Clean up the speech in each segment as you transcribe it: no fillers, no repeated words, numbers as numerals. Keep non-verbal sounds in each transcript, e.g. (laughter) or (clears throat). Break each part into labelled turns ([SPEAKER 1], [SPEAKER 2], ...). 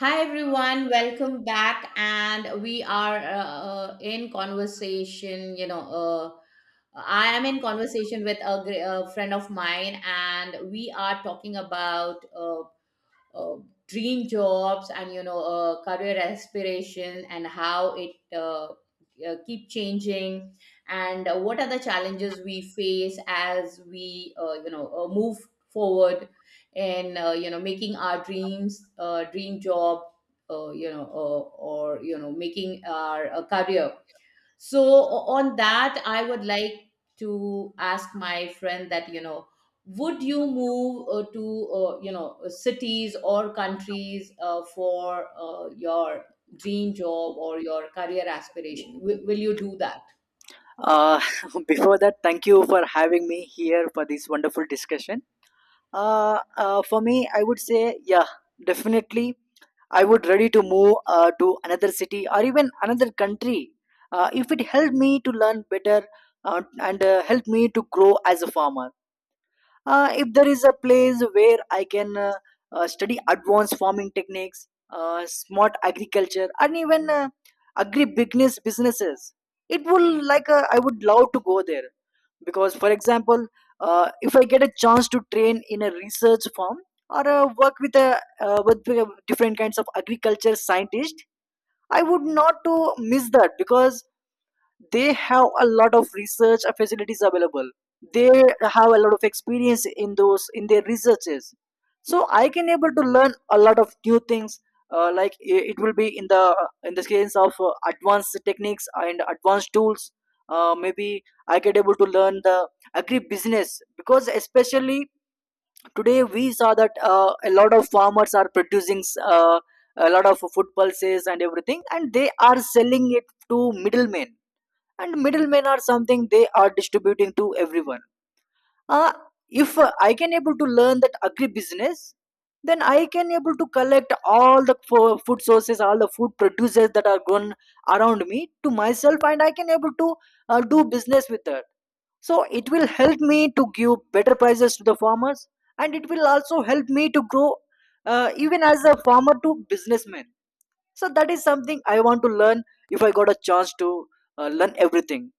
[SPEAKER 1] Hi everyone, welcome back, and we are in conversation. I am in conversation with a friend of mine, and we are talking about uh, dream jobs and career aspiration and how it keep changing. And what are the challenges we face as we move forward in you know making our dream job uh, you know uh, or you know making our career. So on that I would like to ask my friend that, you know, would you move to you know cities or countries for your dream job or your career aspiration? Will you do that?
[SPEAKER 2] Uh, (laughs) before that, thank you for having me here for this wonderful discussion. For me, I would say, yeah, definitely, I would ready to move to another city or even another country if it helped me to learn better and help me to grow as a farmer. If there is a place where I can study advanced farming techniques, smart agriculture, and even agri businesses, it will like I would love to go there because, for example, if I get a chance to train in a research farm or work with a with different kinds of agriculture scientist, I would not to miss that because they have a lot of research facilities available, they have a lot of experience in those in their researches. So I can able to learn a lot of new things, like it will be in the case of advanced techniques and advanced tools. Maybe I get able to learn the agri business because especially today we saw that a lot of farmers are producing uh, a lot of food pulses and everything, and they are selling it to middlemen, and middlemen are something they are distributing to everyone. uh, if I can able to learn that agribusiness, then I can able to collect all the food sources, all the food producers that are grown around me to myself, and I can able to do business with that. So it will help me to give better prices to the farmers, and it will also help me to grow even as a farmer to businessman. So that is something I want to learn if I got a chance to learn everything.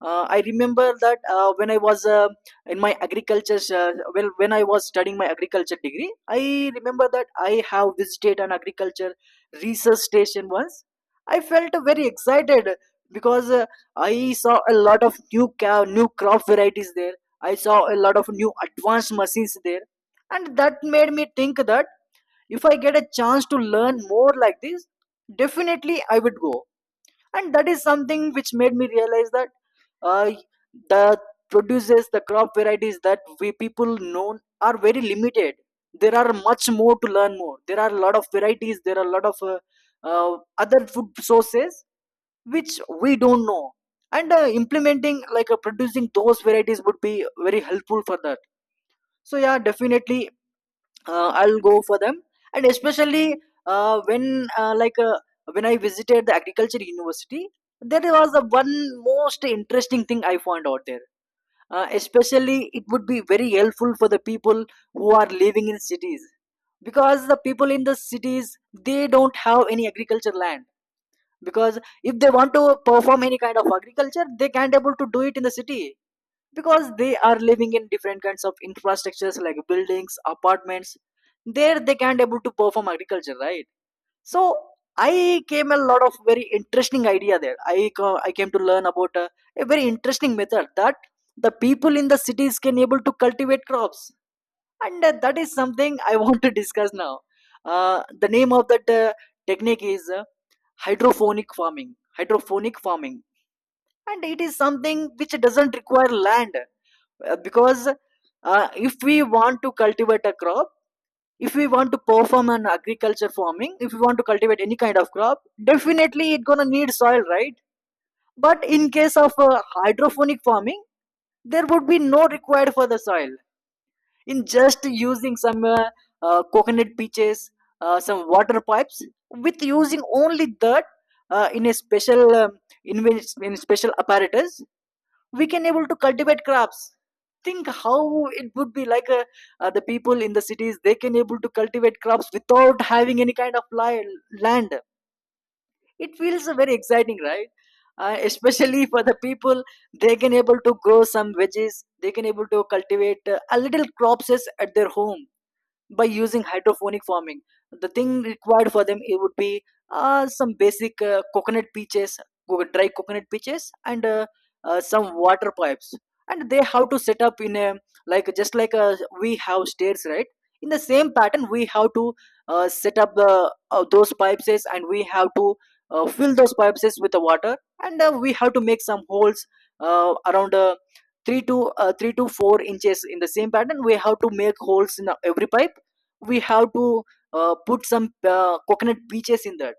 [SPEAKER 2] I remember that when I was in my agriculture well, when I was studying my agriculture degree, I remember that I have visited an agriculture research station once. I felt very excited because I saw a lot of new cow, new crop varieties there, I saw a lot of new advanced machines there, and that made me think that if I get a chance to learn more like this, definitely I would go. And that is something which made me realize that uh, the produces the crop varieties that we people know are very limited. There are much more to learn more, there are a lot of varieties, there are a lot of uh, other food sources which we don't know. And implementing like producing those varieties would be very helpful for that. So yeah, definitely I'll go for them. And especially uh, when uh, like uh, when I visited the agriculture university, there was the one most interesting thing I found out there. Especially, it would be very helpful for the people who are living in cities, because the people in the cities, they don't have any agriculture land. Because if they want to perform any kind of agriculture, they can't able to do it in the city, because they are living in different kinds of infrastructures like buildings, apartments. There they can't able to perform agriculture, right? So I came a lot of very interesting idea there, I came to learn about a very interesting method that the people in the cities can able to cultivate crops, and that is something I (laughs) want to discuss now. The name of that technique is hydroponic farming hydroponic farming, and it is something which doesn't require land. Because if we want to cultivate a crop, if we want to perform an agriculture farming, if we want to cultivate any kind of crop, definitely it's gonna need soil, right? But in case of hydroponic farming, there would be no required for the soil. In just using some coconut pitches, some water pipes, with using only that in a special in, in special apparatus, we can able to cultivate crops. Think how it would be like the people in the cities, they can able to cultivate crops without having any kind of land. It feels very exciting, right? Especially for the people, they can able to grow some veggies, they can able to cultivate a little crops at their home by using hydroponic farming. The thing required for them, it would be some basic coconut peaches, dry coconut peaches, and some water pipes. And they have to set up in a like just like we have stairs, right? In the same pattern, we have to set up the those pipes, and we have to fill those pipes with the water, and we have to make some holes around. Uh, 3 to 4 inches in the same pattern. We have to make holes in every pipe, we have to put some coconut peaches in that,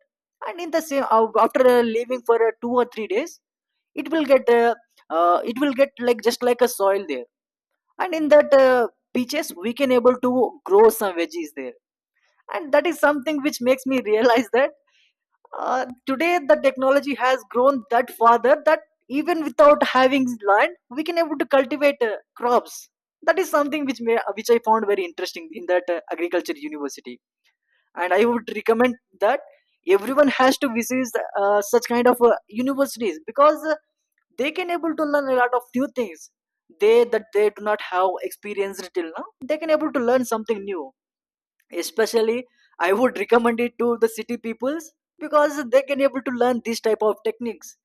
[SPEAKER 2] and in the same after leaving for 2 or 3 days, it will get uh, it will get like just like a soil there. And in that peaches we can able to grow some veggies there. And that is something which makes me realize that today the technology has grown that farther that even without having land we can able to cultivate crops. That is something which which I found very interesting in that agriculture university. And I would recommend that everyone has to visit such kind of universities, because they can able to learn a lot of new things, they that they do not have experienced till now, they can able to learn something new. Especially I would recommend it to the city peoples, because they can able to learn this type of techniques.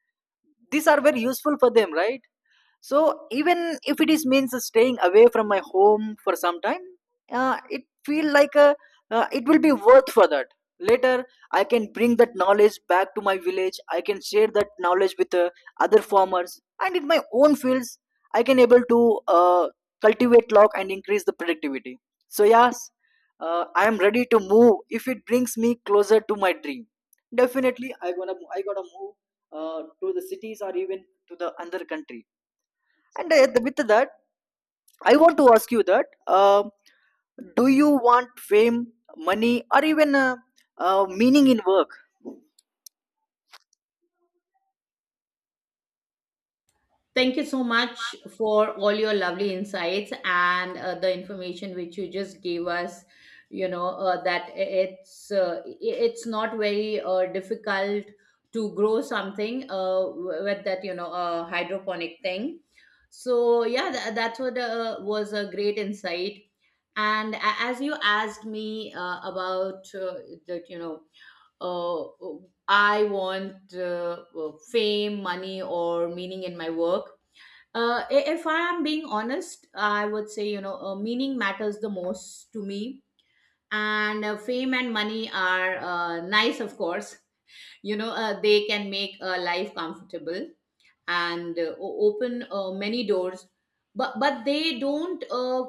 [SPEAKER 2] These are very useful for them, right? So even if it is means staying away from my home for some time, it feel like a, it will be worth for that. Later I can bring that knowledge back to my village, I can share that knowledge with other farmers, and in my own fields I can able to uh, cultivate log and increase the productivity. So yes, I am ready to move if it brings me closer to my dream. Definitely I gotta move to the cities or even to the other country. And with that, I want to ask you that do you want fame, money, or even meaning in work?
[SPEAKER 1] Thank you so much for all your lovely insights and the information which you just gave us. You know that it's uh, it's not very difficult to grow something with that, you know, hydroponic thing. So yeah, that's what was a great insight. And as you asked me about that, you know, uh, I want fame, money, or meaning in my work. Uh, if I am being honest, I would say, you know, meaning matters the most to me. And fame and money are nice, of course. (laughs) You know, they can make a life comfortable and open many doors, but they don't uh,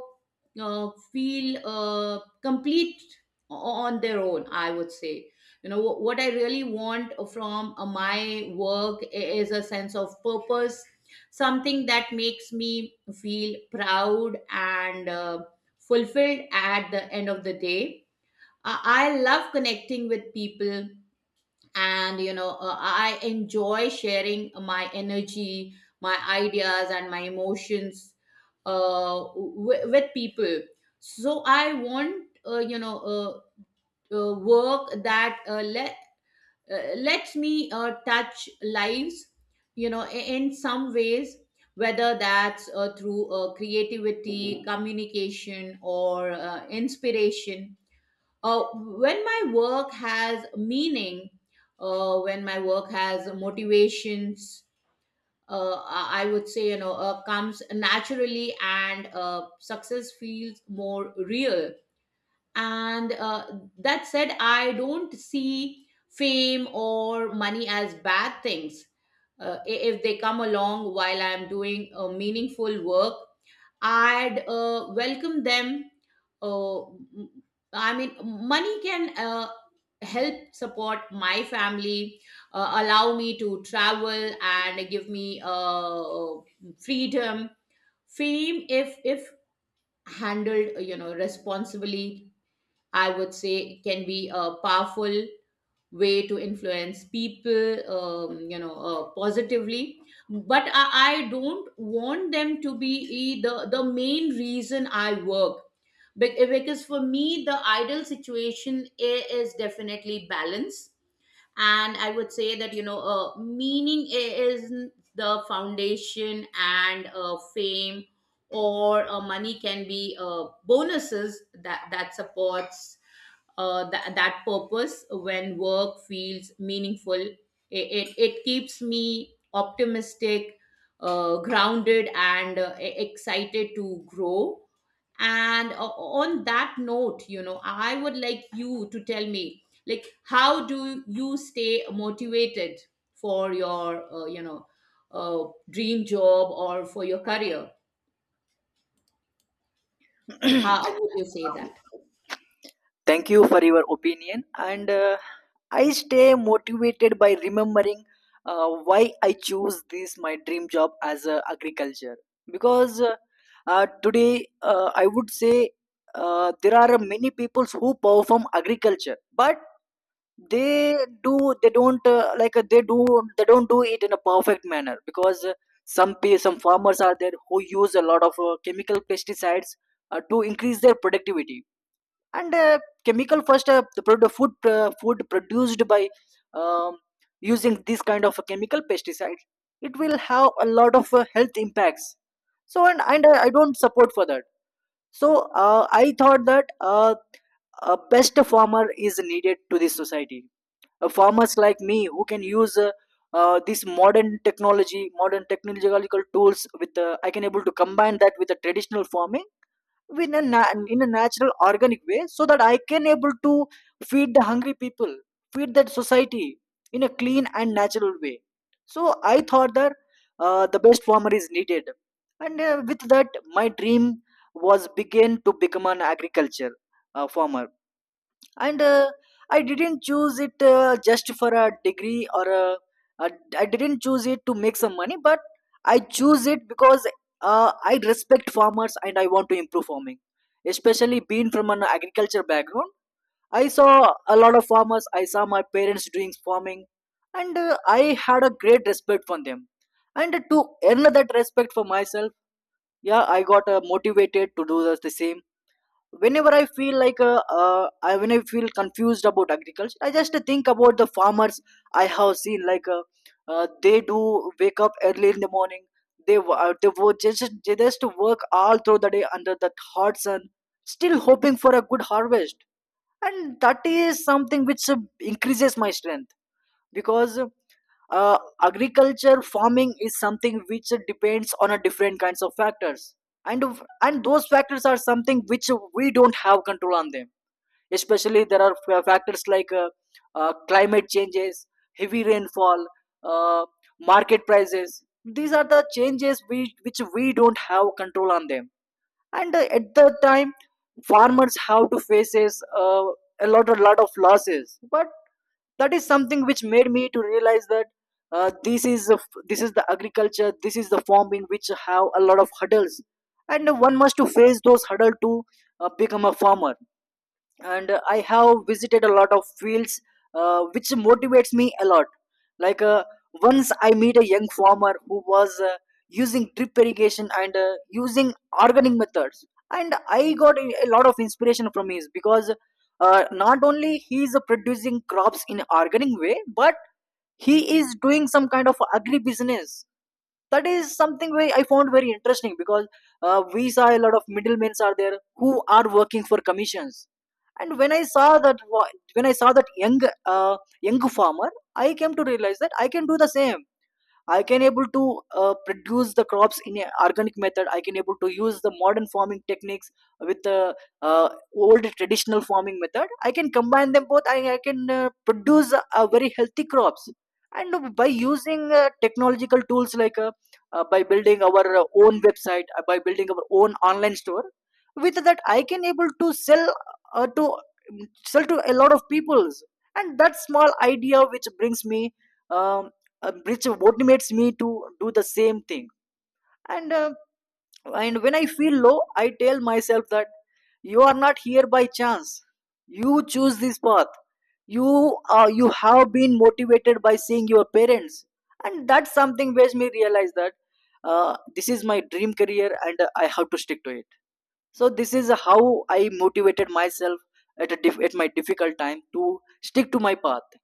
[SPEAKER 1] uh, feel complete on their own, I would say. You know, what I really want from my work is a sense of purpose, something that makes me feel proud and fulfilled at the end of the day. I love connecting with people, and you know I enjoy sharing my energy, my ideas, and my emotions with people. So I want work that lets me touch lives, you know, in some ways, whether that's through creativity, communication, or inspiration. Uh, when my work has meaning, when my work has motivations, I would say, you know, comes naturally, and success feels more real. And that said, I don't see fame or money as bad things. Uh, if they come along while I'm doing meaningful work, I'd welcome them. Uh, m- I mean, money can help support my family, allow me to travel, and give me freedom. Fame, if handled, you know, responsibly, I would say, can be powerful way to influence people, you know, positively. But I don't want them to be the main reason I work. Because for me the ideal situation is definitely balance, and I would say that, you know, meaning is the foundation, and fame or money can be bonuses that supports that purpose. When work feels meaningful, it keeps me optimistic, grounded, and excited to grow. And on that note, you know, I would like you to tell me, like, how do you stay motivated for your dream job or for your career? How would you say
[SPEAKER 2] (clears throat)
[SPEAKER 1] that?
[SPEAKER 2] Thank you for your opinion. And I stay motivated by remembering why I choose this my dream job as agriculture. Because today I would say there are many people who perform agriculture, but they they don't they don't do it in a perfect manner, because some farmers are there who use a lot of chemical pesticides to increase their productivity. And chemical first the product food food produced by um, using this kind of a chemical pesticide, it will have a lot of health impacts. So and I don't support for that. So I thought that a best farmer is needed to this society. Farmers like me who can use this modern technological tools, with I can able to combine that with the traditional farming in in a natural organic way, so that I can able to feed the hungry people, feed that society in a clean and natural way. So I thought that the best farmer is needed. And with that my dream was begin to become an agriculture farmer. And I didn't choose it just for a degree or a, I didn't choose it to make some money, but I choose it because I respect farmers and I want to improve farming. Especially being from an agriculture background, I saw a lot of farmers, I saw my parents doing farming, and I had a great respect for them. And to earn that respect for myself, yeah, I got motivated to do the same. Whenever I feel like when I feel confused about agriculture, I just think about the farmers I have seen. Like they do wake up early in the morning, they just work all through the day under that hot sun, still hoping for a good harvest. And that is something which increases my strength, because agriculture farming is something which depends on a different kinds of factors, and and those factors are something which we don't have control on them. Especially there are factors like climate changes, heavy rainfall, uh, market prices. These are the changes which we don't have control on them. And at the time farmers have to faces a lot of losses, but that is something which made me to realize that uh, this is the this is the agriculture, this is the form in which have a lot of hurdles, and one must to face those hurdles to become a farmer. And I have visited a lot of fields which motivates me a lot. Like once I meet a young farmer who was using drip irrigation and using organic methods, and I got a lot of inspiration from his, because not only he is producing crops in organic way, but he is doing some kind of agri business. That is something way I found very interesting, because we saw a lot of middlemen are there who are working for commissions. And when I saw when I saw that young uh, young farmer, I came to realize that I can do the same. I can able to produce the crops in a organic method. I can able to use the modern farming techniques with the uh, old traditional farming method. I can combine them both. I can produce a very healthy crops. And by using technological tools like by building our own website, by building our own online store, with that I can able to sell to sell to a lot of peoples. And that small idea which brings me um, which motivates me to do the same thing. And and when I feel low, I tell myself that you are not here by chance, you choose this path, you you have been motivated by seeing your parents. And that's something which me realize that this is my dream career, and I have to stick to it. So this is how I motivated myself at at my difficult time to stick to my path.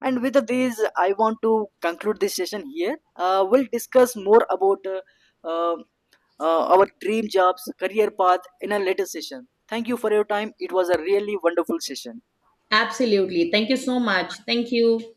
[SPEAKER 2] And with this, I want to conclude this session here. We'll discuss more about uh, our dream jobs, career path in a later session. Thank you for your time. It was a really wonderful session.
[SPEAKER 1] Absolutely, thank you so much. Thank you.